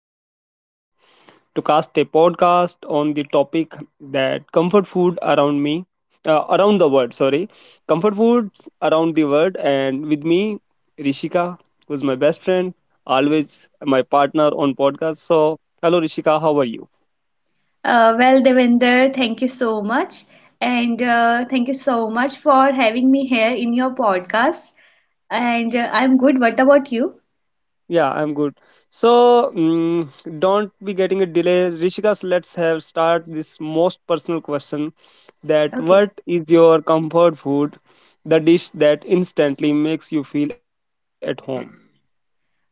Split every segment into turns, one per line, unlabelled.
today we are going to cast a podcast on the topic that comfort food around me, around the world. Sorry, comfort foods around the world, and with me, Rishika, who's my best friend, always my partner on podcast. So, hello Rishika, how are you?
Well, Devinder, thank you so much. And thank you so much for having me here in your podcast. And I'm good. What about you?
Yeah, I'm good. So don't be getting a delay. Rishikas, let's have start this most personal question. That
Okay.
what is your comfort food? The dish that instantly makes you feel at home.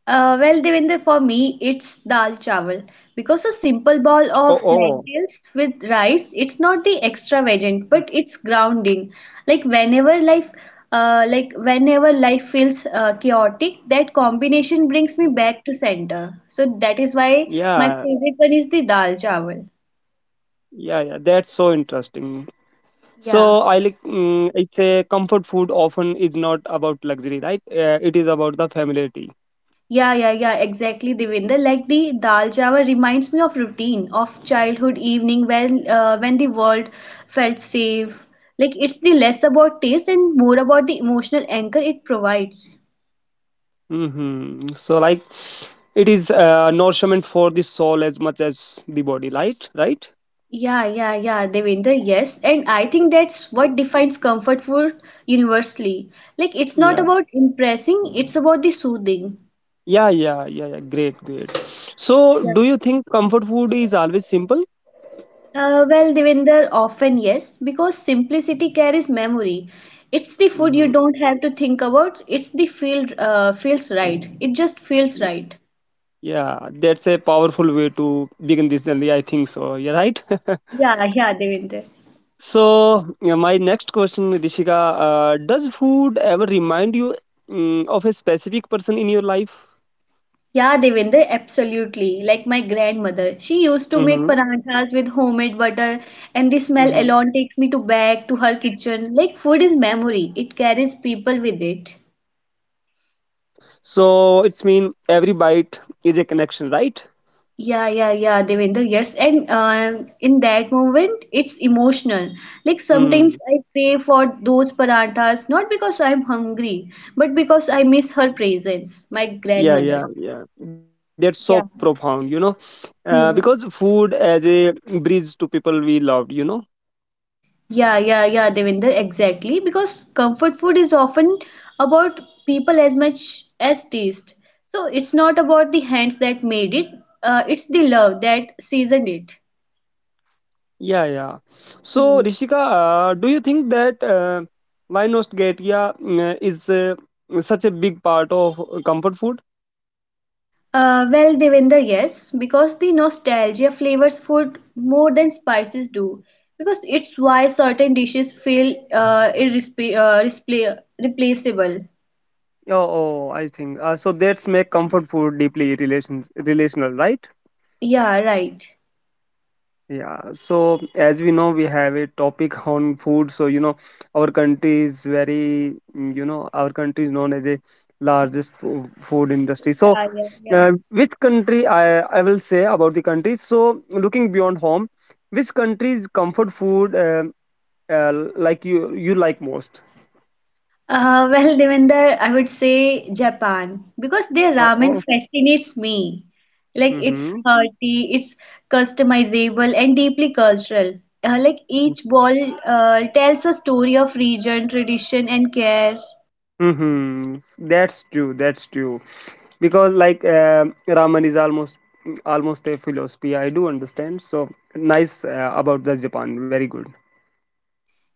Well, Devinder, for me, it's dal chawal because a simple
Oh,
bowl
oh.
of lentils with rice, it's not the
Mm.
extravagant, but it's grounding. Like whenever life, like whenever life feels chaotic, that combination brings me back to center. So that is why my
Yeah,
favorite one is the dal chawal.
yeah, yeah. That's so interesting.
Yeah,
So I like, it's a comfort food. Often is not about luxury, right? It is about the familiarity.
yeah, yeah, yeah, exactly, Devinder. Like the dal chawal reminds me of routine, of childhood evening when the world felt safe. Like it's the less about taste and more about the emotional anchor it provides.
So, like, it is nourishment for the soul as much as the body, right? Right?
Yeah, yeah, yeah, Devinder, yes. And I think that's what defines comfort food universally. Like it's not
Yeah.
about impressing, it's about the soothing.
Yeah, yeah, yeah, yeah. Great, great. So,
Yeah.
do you think comfort food is always simple?
Well, Devinder, often yes, because simplicity carries memory. It's the food you
Mm-hmm.
don't have to think about. It's the feel feels right. It just feels right.
Yeah, that's a powerful way to begin this journey. I think so. You're right.
Yeah, yeah, Devinder.
So, yeah, my next question, Rishika, does food ever remind you, of a specific person in your life?
Yeah, Devinder, absolutely. Like my grandmother, she used to make
Mm-hmm.
paranthas with homemade butter, and the smell
Mm-hmm.
alone takes me to back to her kitchen. Like food is memory. It carries people with it.
So it's mean every bite is a connection, right?
Yeah, yeah, yeah, Devendra, yes. And in that moment, it's emotional. Like sometimes
Mm.
I pray for those paranthas not because I'm hungry, but because I miss her presence, my
Yeah,
grandmother's.
yeah, yeah. That's so
Yeah.
profound, you know,
Hmm.
because food as a bridge to people we loved, you know.
Yeah, yeah, yeah, Devendra, exactly. Because comfort food is often about people as much as taste. So it's not about the hands that made it, it's the love that seasoned it.
Yeah, yeah. So
Hmm.
Rishika, do you think that why nostalgia, is such a big part of comfort food?
Well, Devinder, yes, because the nostalgia flavors food more than spices do. Because it's why certain dishes replaceable.
Oh, oh I think so. That's make comfort food deeply relations relational, right?
Yeah, right.
Yeah, so as we know, we have a topic on food. So, you know, our country is very, you know, our country is known as a largest food industry. So,
Yeah, yeah, yeah.
which country I will say about the country? So, looking beyond home, which country's comfort food like you like most?
Well, Devinder, I would say Japan because their
Oh,
ramen
oh.
fascinates me. Like it's
Mm-hmm.
hearty, it's customizable and deeply cultural. Like each bowl tells a story of region, tradition, and care.
Mm-hmm. That's true. That's true. Because like, ramen is almost a philosophy. I do understand. So nice about the Japan. Very good.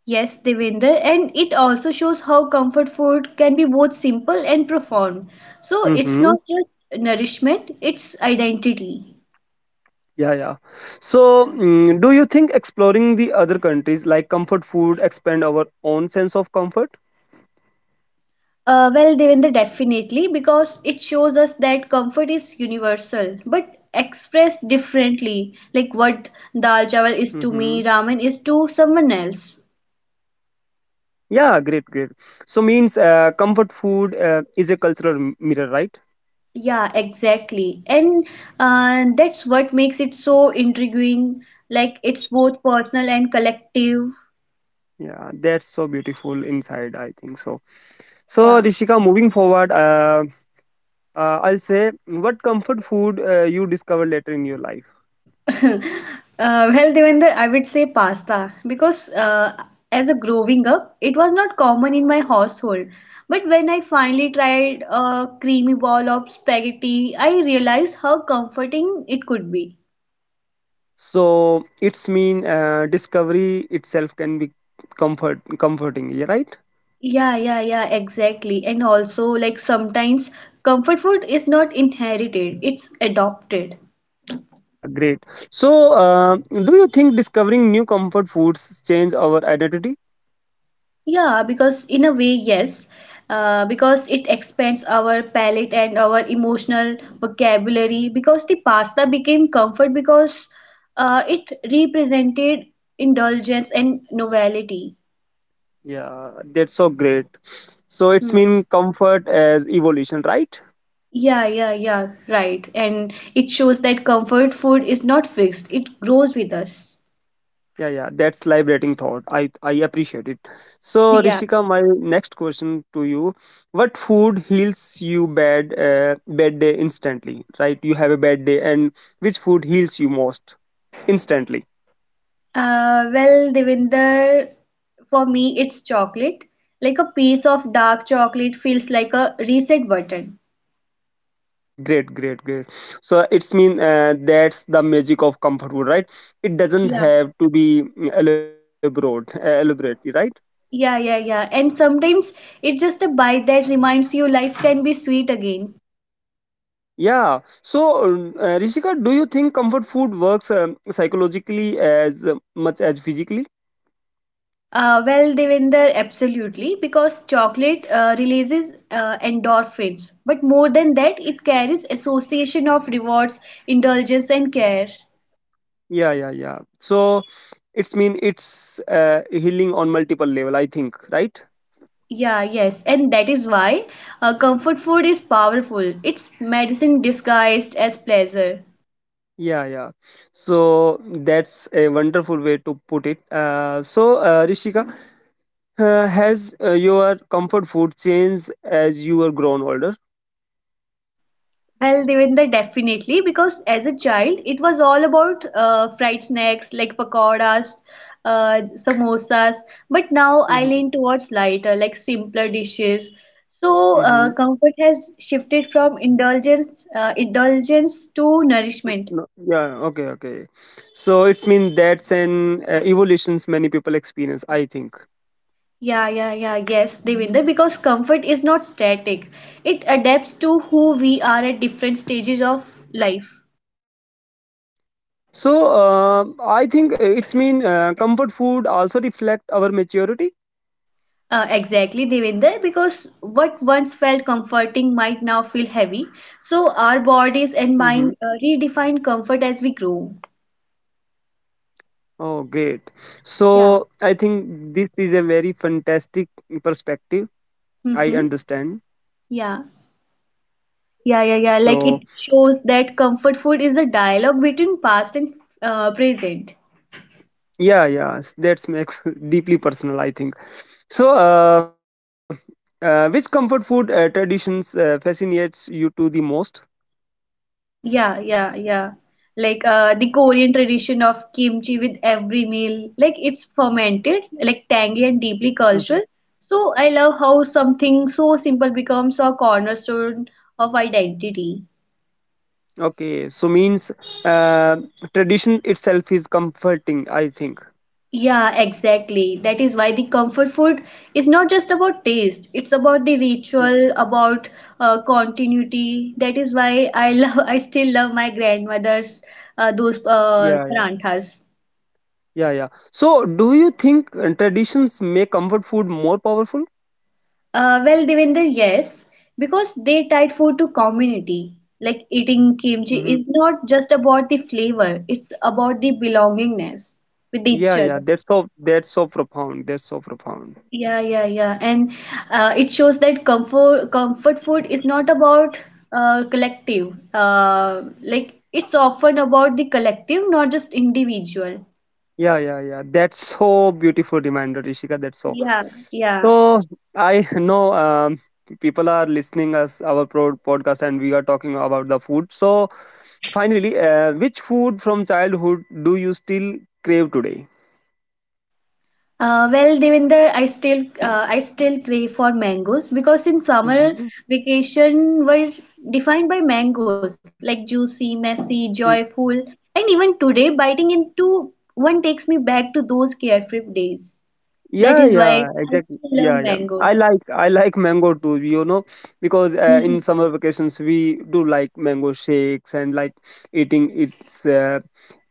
Yes, Devender, and it also shows how comfort food can be both simple and profound. So it's
Mm-hmm.
not just nourishment, it's identity.
Yeah, yeah. So,
Yeah.
do you think exploring the other countries like comfort food expand our own sense of comfort?
Well, Devender, definitely, because it shows us that comfort is universal, but expressed differently, like what
Mm-hmm.
dal chawal is to me, ramen is to someone else.
Yeah, great, great. So means comfort food is a cultural mirror, right?
Yeah, exactly. And that's what makes it so intriguing, like it's both personal and collective.
Yeah, that's so beautiful inside. I think so. So,
Yeah.
Rishika, moving forward, I'll say what comfort food you discover later in your life.
Well, Devender, I would say pasta because as a growing up, it was not common in my household. But when I finally tried a creamy ball of spaghetti, I realized how comforting it could be.
So it's mean discovery itself can be comforting. Yeah, right.
Yeah, yeah, yeah, exactly. And also, like sometimes comfort food is not inherited, it's adopted.
Yeah, great. So do you think discovering new comfort foods change our identity?
Yeah, because in a way, yes, because it expands our palate and our emotional vocabulary. Because the pasta became comfort because it represented indulgence and novelty.
Yeah, that's so great. So it's
Hmm.
mean comfort as evolution, right?
Yeah, yeah, yeah, right. And it shows that comfort food is not fixed, it grows with us.
Yeah, yeah, that's liberating thought. I appreciate it. So,
Yeah.
Rishika, my next question to you: what food heals you bad, bad day instantly? Right, you have a bad day, and which food heals you most instantly?
Well, Devinder, for me, it's chocolate. Like a piece of dark chocolate feels like a reset button.
Mm, great, great, great. So it's mean that's the magic of comfort food, right? It doesn't
Yeah,
have to be, elaborate, elaborate, right?
yeah, yeah, yeah. And sometimes it's just a bite that reminds you life can be sweet again.
Yeah. So, Rishika, do you think comfort food works psychologically as much as physically?
Well, Devinder, absolutely, because chocolate releases endorphins, but more than that, it
Yeah,
carries association of rewards, indulgence, and care.
yeah, yeah, yeah. So it's mean it's healing on multiple level, I think, right?
Yeah, yes, and that is why comfort food is powerful. It's medicine disguised as pleasure.
Yeah, yeah. So that's a wonderful way to put it. So Rishika, has your comfort food changed as you are grown older?
Well, Devendra, definitely, because as a child, it was all about fried snacks like pakoras, samosas. But now I
Mm-hmm.
lean towards lighter, like simpler dishes. So
Mm-hmm.
comfort has shifted from indulgence to nourishment.
No, yeah. Okay. Okay. So it's mean that's an evolutions many people experience, I think.
Yeah, yeah, yeah, yes, Devinder, because comfort is not static. It adapts to who we are at different stages of life.
So I think it's mean comfort food also reflect our maturity.
Exactly, Devinder, because what once felt comforting might now feel heavy. So our bodies and
Mm-hmm.
mind uh, redefine comfort as we grow.
Oh, great.
Yeah.
So I think this is a very fantastic perspective. I
Mm-hmm.
understand.
Yeah. Yeah, yeah, yeah. Like it
So
shows that comfort food is a dialogue between past and present.
yeah, yeah, that's makes deeply personal, I think. So which comfort food traditions fascinates you to the most?
Yeah, yeah, yeah. Like the Korean tradition of kimchi with every meal, like it's fermented, like tangy and deeply
hmm
cultural. So I love how something so simple becomes a cornerstone of identity.
Okay, so means uh, tradition itself is comforting, I think.
Yeah, exactly. That is why the comfort food is not just about taste, it's about the
Mm.
ritual, about continuity. That is why I love, I still love my grandmother's those
Yeah, yeah,
paranthas.
yeah, yeah. So do you think traditions make comfort food more powerful?
Well, Devinder, yes, because they tied food to community. Like eating kimchi
Mm-hmm.
is not just about the flavor, it's about the belongingness with
Yeah,
each
yeah,
other.
that's so profound. That's so profound.
Yeah, yeah, yeah. And it shows that comfort food is not about collective. Like it's often about the collective, not just individual.
Yeah, yeah, yeah. That's so beautiful reminder, Ishika. That's so.
Yeah, yeah.
So I know, people are listening us our podcast, and we are talking about the food. So finally, which food from childhood do you still crave today?
Well, Devinder, I still crave for mangoes because in summer
Mm-hmm.
vacation were defined by mangoes like juicy, messy, joyful, and even today biting into one takes me back to those carefree days. That
Yeah,
is why
yeah,
I
exactly.
still love
Yeah, yeah. I
mangoes.
like I like mango too, you know, because in
Mhm.
summer vacations we do like mango shakes and like eating its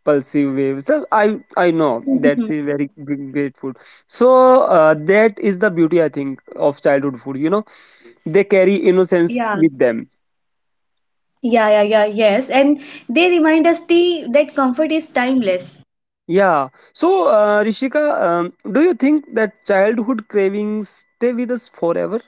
pulsive waves. So I know
Mhm.
that's a very big, great food. So that is the beauty I think of childhood food. You know, they carry
Yeah.
innocence with them.
Yeah, yeah, yeah, yes. And they remind us the that comfort is timeless.
Yeah. So Rishika, do you think that childhood cravings stay with us forever?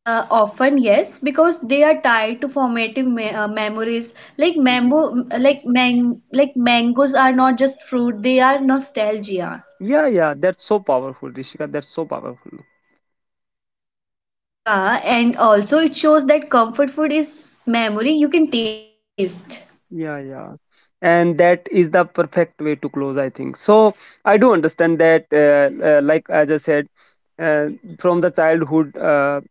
Often yes, because they are tied to formative me memories. Like
Hmm.
mango, like man, like mangoes are not just fruit; they are nostalgia.
Yeah, yeah, that's so powerful, Rishika. That's so powerful.
Yeah, and also it shows that comfort food is memory you can taste.
Yeah, yeah. And that is the perfect way to close, I think. So I do understand that, like as I said, uh, from the childhood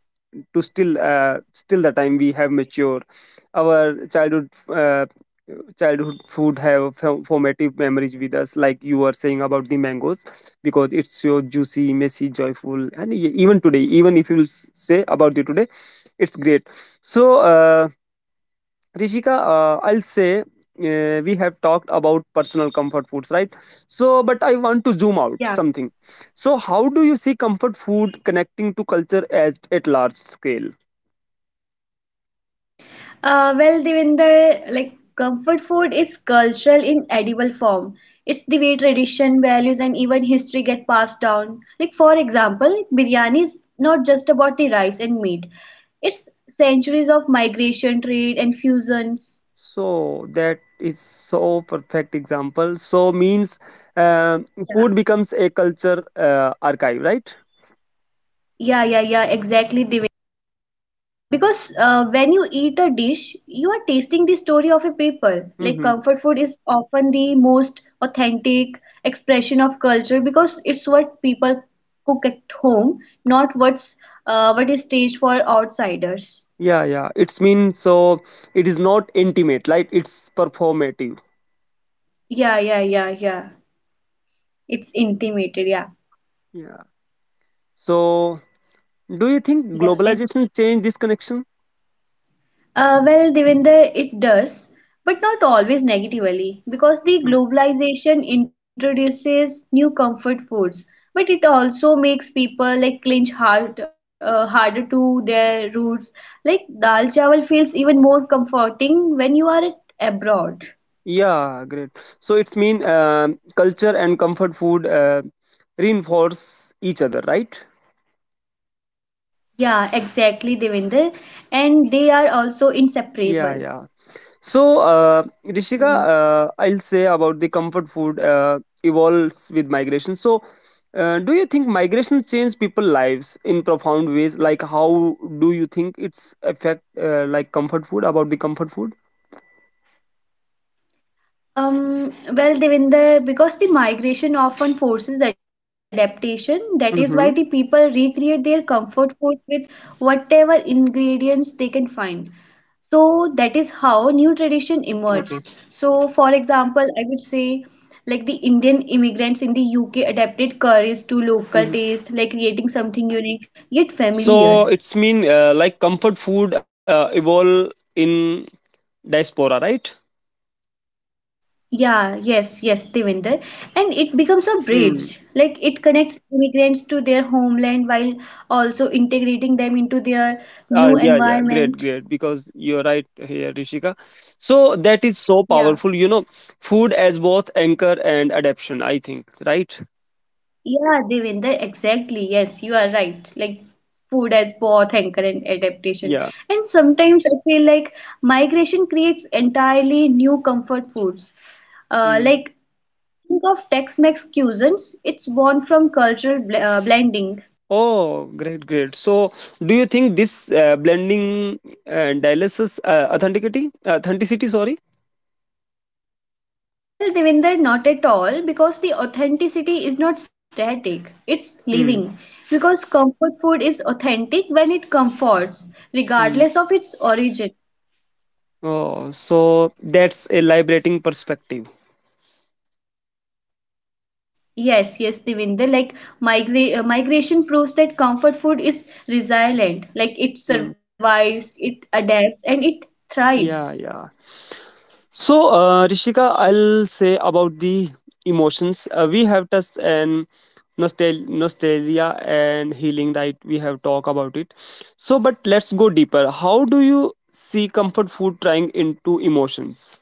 to still, still the time we have matured, our childhood, childhood food have formative memories with us, like you were saying about the mangoes, because it's so juicy, messy, joyful, and even today, even if you say about it today, it's great. So. Rishika, I'll say we have talked about personal comfort foods, right? So, but I want to zoom out
Yeah.
something. So, how do you see comfort food connecting to culture as at large scale?
Well, Devinder, like comfort food is cultural in edible form. It's the way tradition, values, and even history get passed down. Like, for example, biryani is not just about the rice and meat, it's centuries of migration, trade, and fusions.
So that is so perfect example. So means uh,
Yeah,
food becomes a culture archive, right?
yeah, yeah, yeah, exactly, because when you eat a dish, you are tasting the story of a people. Like
Mm-hmm.
comfort food is often the most authentic expression of culture because it's what people cook at home, not what is staged for outsiders.
Yeah, yeah. It's mean so it is not intimate, like it's performative.
Yeah, yeah, yeah, yeah. It's intimated. Yeah,
Yeah. So do you think
yeah, and
globalization changed this connection?
Well, Devinder, it does, but not always negatively, because the
Hmm.
globalization introduces new comfort foods, but it also makes people like harder to their roots. Like dal chawal feels even more comforting when you are abroad.
Yeah, great. So it's mean, culture and comfort food reinforce each other, right?
Yeah, exactly, Devinder, and they are also
Yeah,
inseparable.
yeah. So
Hmm.
Rishika, I'll say about the comfort food evolves with migration. So do you think migration change people lives in profound ways? Like how do you think it's affect like comfort food about the comfort food?
Well, Devinder, because the migration often forces adaptation, that is why the people
Mm-hmm.
recreate their comfort food with whatever ingredients they can find. So that is how new tradition emerge.
Okay.
So, for example, I would say like the Indian immigrants in the UK adapted curries to local
hmm
taste, like creating something unique yet
So
familiar.
it's mean like comfort food evolve in diaspora, right?
Yeah, yes, yes, Devinder. And it becomes a
Mm.
bridge. Like it connects immigrants to their homeland while also integrating them into their new
Yeah, yeah, great,
environment.
great. Because you're right here, Rishika. So that is so
Yeah.
powerful. You know, food as both anchor and adaptation. I think, right?
Yeah, Devinder, exactly. Yes, you are right. Like food as both anchor and adaptation.
Yeah.
And sometimes I feel like migration creates entirely new comfort foods.
Mm.
Like think of Tex-Mex cuisines, it's born from cultural bl blending.
Oh, great, great. So, do you think this blending dialysis authenticity, authenticity? Sorry.
Well, Devinder, not at all, because the authenticity is not static, it's living.
Mm.
Because comfort food is authentic when it comforts,
Mm.
regardless of its origin.
Oh, so that's a liberating perspective.
Yes, yes, Devinder, like migration proves that comfort food is resilient, like it
Mm.
survives, it adapts, and it thrives.
Yeah, yeah. So, Rishika, I'll say about the emotions. We have touched and nostalgia and healing, right? We have talked about it. So, but let's go deeper. How do you see comfort food trying into emotions?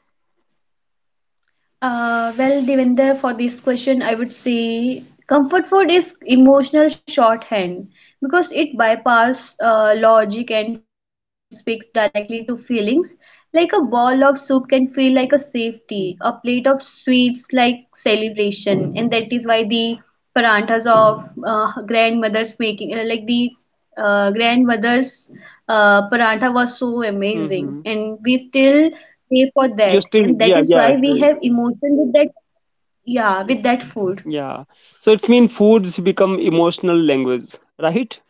Well, Devendra, for this question, I would say comfort food is emotional shorthand because it bypasses logic and speaks directly to feelings. Like a bowl of soup can feel like a safety, a plate of sweets like celebration, and that is why the paranthas of grandmothers making, like the grandmother's paratha was so amazing
Mm-hmm.
and we still pay for
You
that
still,
and that
yeah,
is
yeah,
why we
so,
have emotion with that yeah with that food
yeah. So it's mean foods become emotional language, right?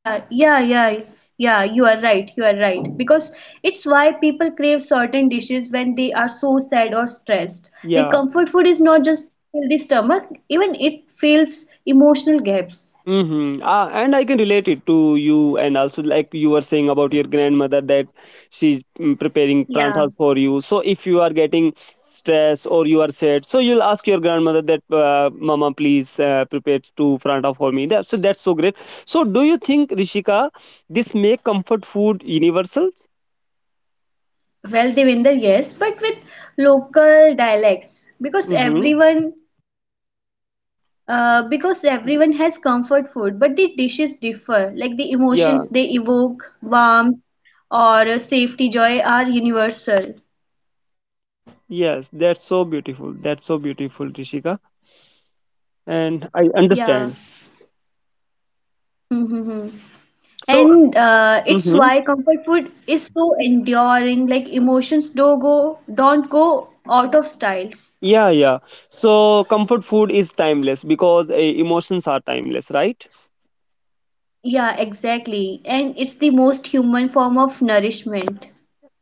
Yeah yeah you are right because it's why people crave certain dishes when they are so sad or stressed like
Yeah.
comfort food is not just fill the stomach even it fills emotional gaps
Mm-hmm. And I can relate it to you, and also like you were saying about your grandmother that she's, preparing
yeah,
pranthas for you. So if you are getting stress or you are sad, so you'll ask your grandmother that, "Mama, please prepare two prantha for me." That, so that's so great. So do you think Rishika, this make comfort food universal?
well, Devinder, yes, but with local dialects
Mm-hmm.
because everyone has comfort food, but the dishes differ. Like the
Yeah.
emotions they evoke, warmth or safety, joy are universal.
Yes. That's so beautiful. That's so beautiful, Rishika, and I
Yeah.
understand.
Mm-hmm.
So.
And it's
Mhm.
why comfort food is so enduring. Like emotions don't go out of styles.
Yeah, yeah. So comfort food is timeless because emotions are timeless, right?
Yeah, exactly. And it's the most human form of nourishment.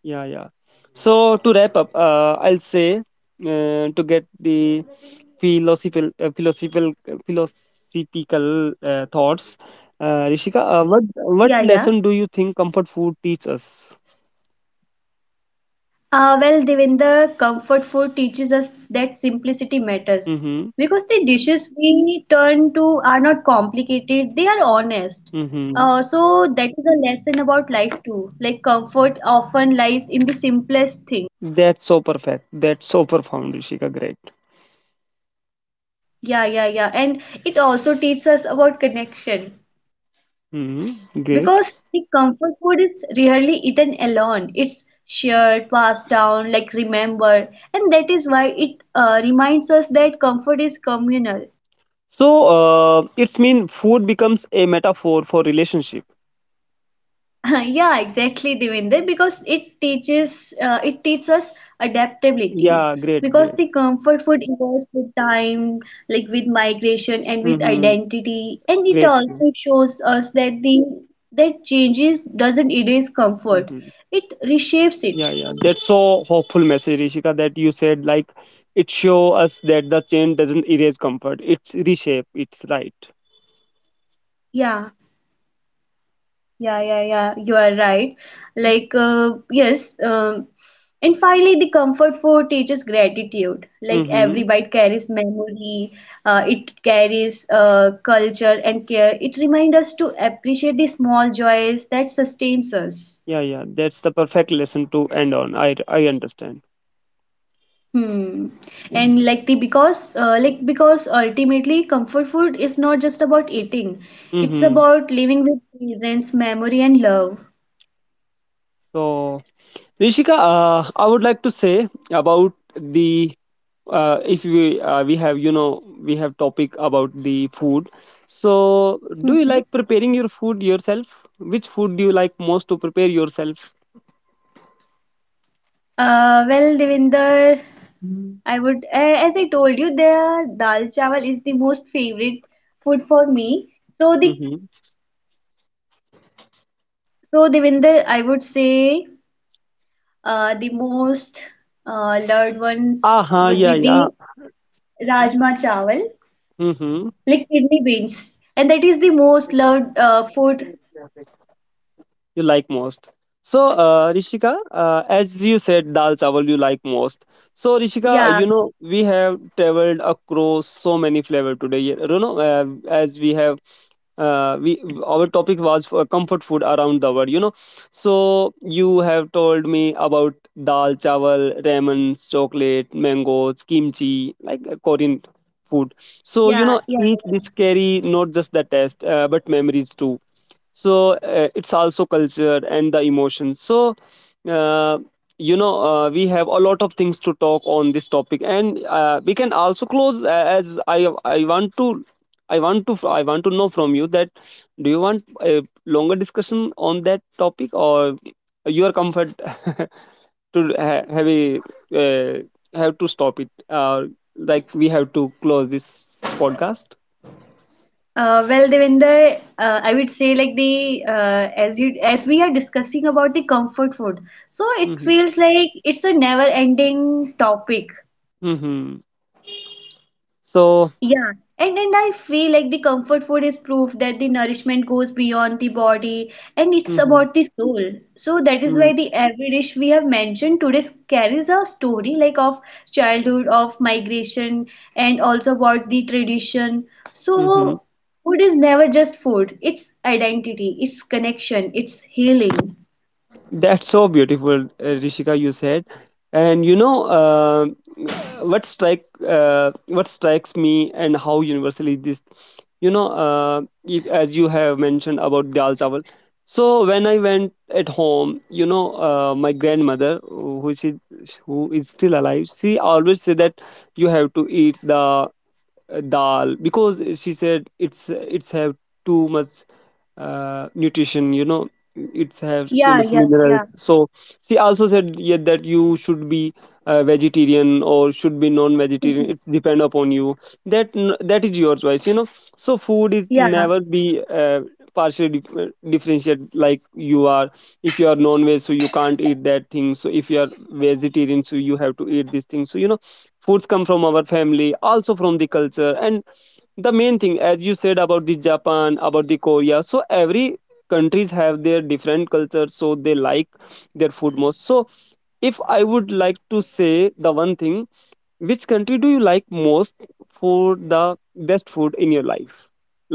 Yeah, yeah. So to wrap up, I'll say to get the philosophical, philosophical thoughts. Rishika,
Yeah, yeah.
what lesson do you think comfort food teach us?
Well, Devinder, comfort food teaches us that simplicity matters
Mm-hmm.
because the dishes we turn to are not complicated, they are honest.
Mm-hmm.
So, that is a lesson about life too. Like, comfort often lies in the simplest thing.
That's so perfect. That's so profound, Rishika. Great.
Yeah, yeah, yeah. And it also teaches us about connection
Mm-hmm. Great.
because the comfort food is rarely eaten alone. It's shared, passed down, like remembered. And that is why it reminds us that comfort is communal.
So it's mean food becomes a metaphor for relationship.
yeah, exactly, Devinder, because it teaches us adaptability.
Yeah, great,
Because
great.
the comfort food evolves with time, like with migration and with
hmm
identity, and it
Great.
also shows us that the that changes doesn't erase comfort; it
hmm
reshapes it.
Yeah, yeah. That's so hopeful message, Rishika, that you said like it show us that the change doesn't erase comfort. It's reshape. It's right.
Yeah. Yeah, yeah, yeah, you are right. Like, uh, yes, um, and finally, the comfort food teaches gratitude. Like, every
Mm-hmm.
bite carries memory, it carries culture and care. It reminds us to appreciate the small joys that sustains us.
Yeah, yeah. That's the perfect lesson to end on. I understand.
Hmm. And like the because like because ultimately comfort food is not just about eating. It's
Mm-hmm.
about living with presence, memory, and love.
So Rishika, I would like to say about the, if we we have, you know, we have topic about the food. So, do you
Hmm.
like preparing your food yourself? Which food do you like most to prepare yourself?
Well, Devinder, I would, as I told you, the dal chawal is the most favorite food for me. So the
Mm-hmm.
so Devinder, I would say the most loved
Ah,
ones
huh,
would
yeah,
be
yeah.
the rajma chawal,
Mm-hmm.
like kidney beans, and that is the most loved food.
You like most. So, Rishika, as you said, dal chawal you like most. So, Rishika,
Yeah,
you know we have traveled across so many flavor today. You know, as we have we our topic was for comfort food around the world, you know, so you have told me about dal chawal, ramen, chocolate, mangoes, kimchi, like korean food. So you know
yeah, yeah.
each dish carry not just the taste, but memories too. So it's also culture and the emotions. So uh, you know, we have a lot of things to talk on this topic and we can also close, as I want to I want to know from you that, do you want a longer discussion on that topic or your comfort have a uh, have to stop it, like we have to close this podcast.
Well, Devinder, I would say like the as you as we are discussing about the comfort food, so it
hmm
feels like it's a never-ending topic.
hmm so.
Yeah, and I feel like the comfort food is proof that the nourishment goes beyond the body and it's
hmm
about the soul. So that is why the every dish we have mentioned today carries a story like of childhood, of migration, and also about the tradition.
hmm
So food is never just food. It's identity, it's connection, it's healing.
That's so beautiful, Rishika. You said, and you know, what strike uh, what strikes me, and how universally this, you know, if, as you have mentioned about dal chawal. So when I went at home, you know, my grandmother, who is who is still alive, she always say that you have to eat the dal because she said it's have too much nutrition, you know, it's have too
Yeah,
much
yeah,
minerals.
yeah.
So she also said, yeah, that you should be vegetarian or should be non-vegetarian, it depend upon you. That is your choice, you know. So food is
Yeah,
never be partially differentiated. Like you are, if you are non-veg so you can't eat that thing, so if you are vegetarian so you have to eat this thing. So you know, foods come from our family, also from the culture. And the main thing, as you said about the japan, about the korea, so every countries have their different cultures so they like their food most. So if I would like to say the one thing, which country do you like most for the best food in your life,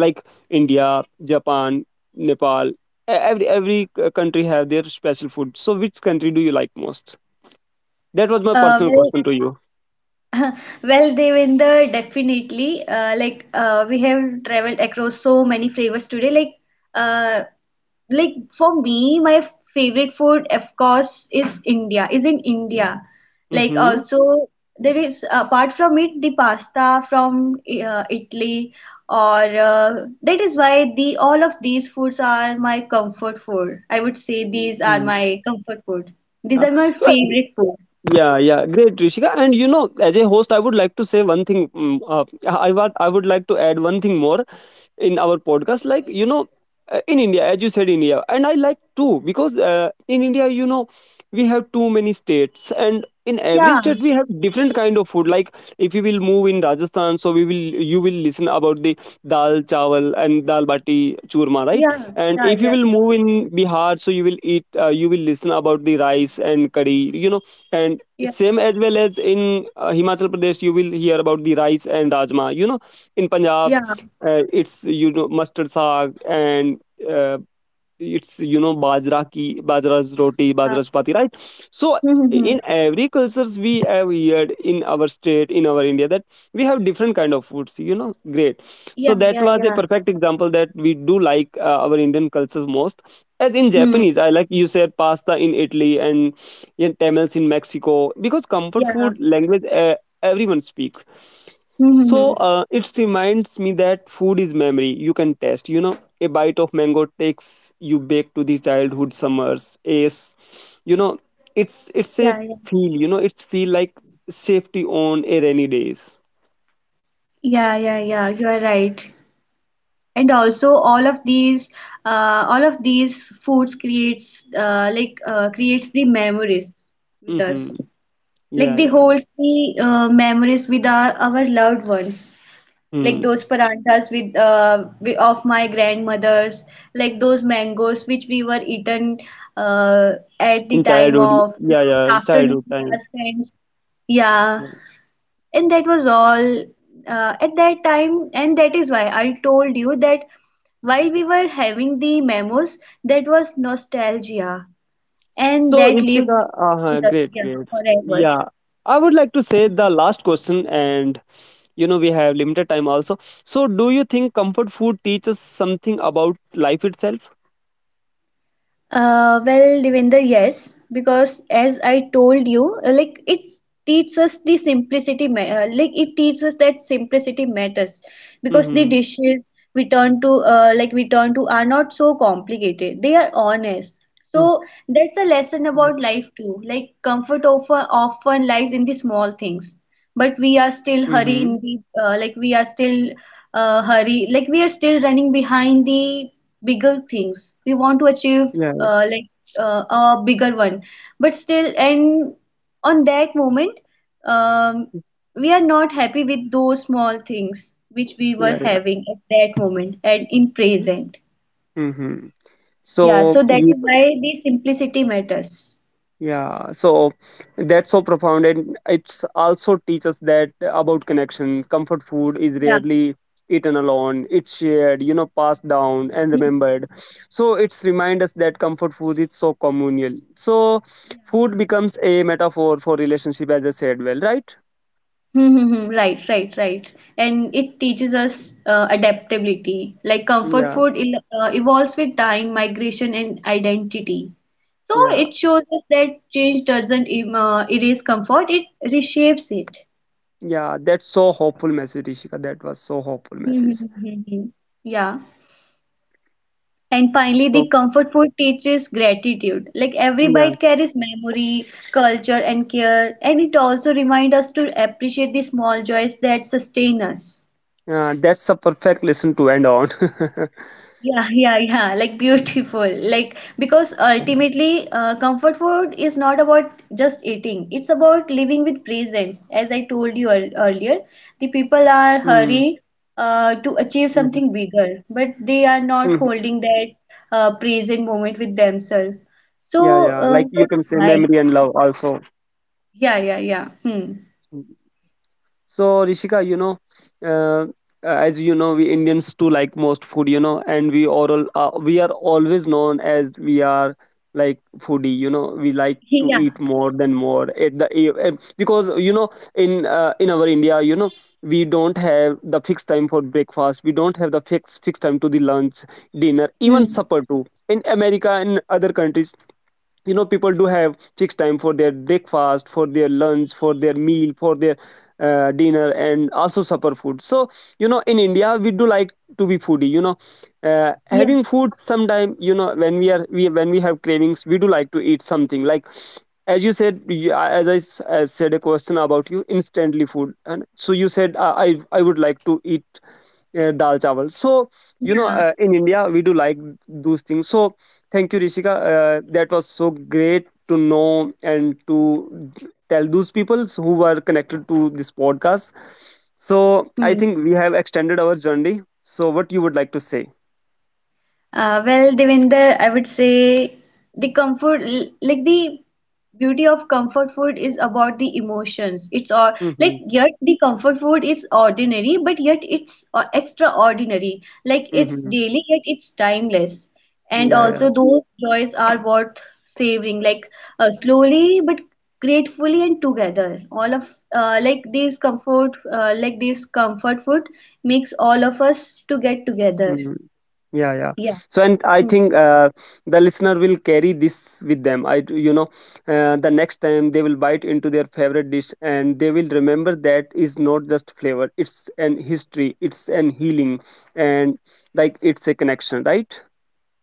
like india, japan, nepal, every country have their special food. So which country do you like most? That was my
uh,
personal
very
question to you.
Well, Devender, definitely. We have traveled across so many flavors today. Uh, like, for me, my favorite food, of course, is India. Is in India. Like
Mm-hmm.
also there is apart from it, the pasta from Italy, or that is why the all of these foods are my comfort food. I would say these are my comfort food. These
Uh,
are my
so I-
favorite food.
yeah, yeah, great, Rishika. And you know, as a host, I would like to say one thing. I would like to add one thing more in our podcast, like you know, in india, as you said, india, and I like too, because in india, you know, we have too many states, and in every state
Yeah,
we have different kind of food. Like if you will move in rajasthan, so we will you will listen about the dal chawal and dal bati churma, right?
yeah,
And
yeah,
if you
yeah.
will move in bihar, so you will eat, you will listen about the rice and curry, you know. And
Yeah,
same as well as in himachal pradesh, you will hear about the rice and rajma, you know. In punjab,
yeah,
it's, you know, mustard saag, and uh, it's, you know, bajra ki, bajra's roti,
yeah,
bajra's chapati, right? So
mm-hmm.
in every cultures we have heard, in our state, in our india, that we have different kind of foods, you know. Great.
Yeah,
So that
yeah,
was a
yeah,
perfect example, that we do like our indian cultures most. As in
hmm.
japanese, I like, you said pasta in italy, and in tamils, in mexico, because comfort
Yeah,
food language, everyone speak. So
mm-hmm.
it reminds me that food is memory you can taste. You know, a bite of mango takes you back to the childhood summers. Is You know, it's a
Yeah, yeah.
feel. You know, it's feel like safety on a rainy days.
Yeah, yeah, yeah, you're right. And also all of these foods creates creates the memories with us.
Mm-hmm.
Like
Yeah,
they
yeah.
holds the memories with our loved ones. Like
Mm.
those paranthas with of my grandmother's, like those mangoes which we were eaten uh, at the
In
time
childhood,
of,
yeah,
like,
yeah,
afternoon
childhood
with our
time.
friends. Yeah,
Yeah.
and that was all at that time, and that is why I told you that while we were having the memos, that was nostalgia, and
So
that lived
Nishika,
with us, yeah,
great, great.
forever.
Yeah, I would like to say the last question, and you know we have limited time also. So do you think comfort food teaches something about life itself?
Well, Devender, yes, because as I told you, like it teaches us the simplicity, like it teaches us that simplicity matters because the
Mm-hmm.
dishes we turn to, like we turn to, are not so complicated. They are honest. So that's a lesson
Mm-hmm.
about life too. Like comfort often lies in the small things, but we are still
Mm-hmm.
hurry in the, we are still hurry, like we are still running behind the bigger things we want to achieve,
Yeah,
uh, like a bigger one, but still, and on that moment, um, we are not happy with those small things which we were
yeah, yeah,
having at that moment and in
yeah.
present.
Mm-hmm.
Yeah,
so
so that
you-
is why the simplicity matters.
yeah, so that's so profound, and it's also teaches that about connection. Comfort food is
Yeah.
rarely eaten alone, it's shared, you know, passed down and
Hmm.
remembered. So it's remind us that comfort food is so communal. So food becomes a metaphor for relationship, as I said, well, right?
Hmm, hmm, hmm. Right, right, right. And it teaches us adaptability. Like comfort
Yeah,
food il evolves with time, migration, and identity. So
yeah,
it shows us that change doesn't erase comfort, it reshapes it.
yeah. That's so hopeful message, Rishika. That was so hopeful
Hmm, hmm,
message.
hmm, hmm, hmm. Yeah. And finally, the
So
comfort food teaches gratitude. Like every
yeah,
bite carries memory, culture, and care, and it also reminds us to appreciate the small joys that sustain us.
yeah. That's a perfect lesson to end on.
Yeah, yeah, yeah, like beautiful. Like, because ultimately, comfort food is not about just eating, it's about living with presence. As I told you earlier, the people are
hmm
hurry to achieve
hmm
something bigger, but they are not
hmm
holding that present moment with themselves.
Yeah,
So,
yeah. Like you can
that's
say
why.
memory and love also.
Yeah, yeah, yeah. Hmm.
Hmm. So Rishika, you know, uh, as you know, we Indians too like most food, you know, and we are always known as we are like foodie, you know, we like to
Yeah.
eat more than more at the because you know, in our India, you know, we don't have the fixed time for breakfast, we don't have the fixed time to the lunch, dinner, even
Hmm.
supper too. In America and other countries, you know, people do have fixed time for their breakfast, for their lunch, for their meal, for their dinner, and also supper food. So you know, in india we do like to be foodie, you know,
Yeah,
having food sometime, you know, when we have cravings we do like to eat something. Like as you said, as said a question about you instantly food, and so you said, I would like to eat dal chawal. So you know,
yeah.
in india we do like those things. So thank you, Rishika. That was so great to know, and to tell those people who are connected to this podcast. So
Hmm.
I think we have extended our journey. So what you would like to say?
Well, Devinder, I would say the comfort, like the beauty of comfort food is about the emotions. It's all like
hmm
yet the comfort food is ordinary, but yet it's extraordinary. Like it's
hmm
daily, yet it's timeless. And
Yeah, yeah.
also, those joys are worth savoring, like slowly but gratefully and together. All of like these comfort, like this comfort food makes all of us to get
Mhm.
together.
Yeah, yeah.
Yeah.
So and I
Hmm.
think, the listener will carry this with them. You know, the next time they will bite into their favorite dish, and they will remember that is not just flavor, it's an history, it's an healing, and like it's a connection, right?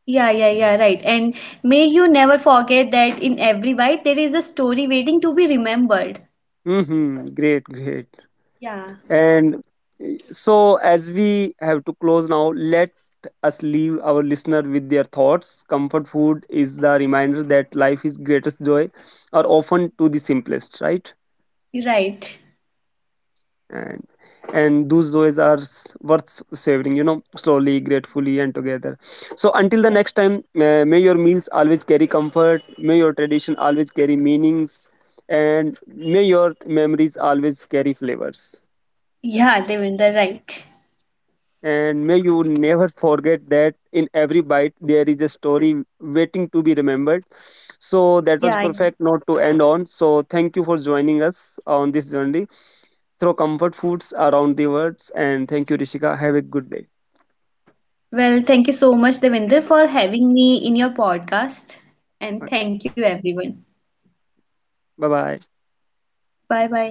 Yeah, yeah, yeah, right. And may you never forget that in every bite there is a story waiting to be remembered.
Mm-hmm. Great, great.
Yeah,
And so as we have to close now, let us leave our listener with their thoughts. Comfort food is the reminder that life is greatest joy are often to the simplest, right?
you're right.
and and those joys are worth savoring, you know, slowly, gratefully, and together. So until the
Yeah,
next time, may your meals always carry comfort, may your tradition always carry meanings, and may your memories always carry flavors,
yeah, Devinder, right.
and may you never forget that in every bite there is a story waiting to be remembered. So that was
Yeah, yeah.
perfect note to end on. So thank you for joining us on this journey through comfort foods around the world. And thank you, Rishika. Have a good day.
Well, thank you so much, Devinder, for having me in your podcast. And
Okay.
thank you, everyone.
Bye bye.
Bye bye.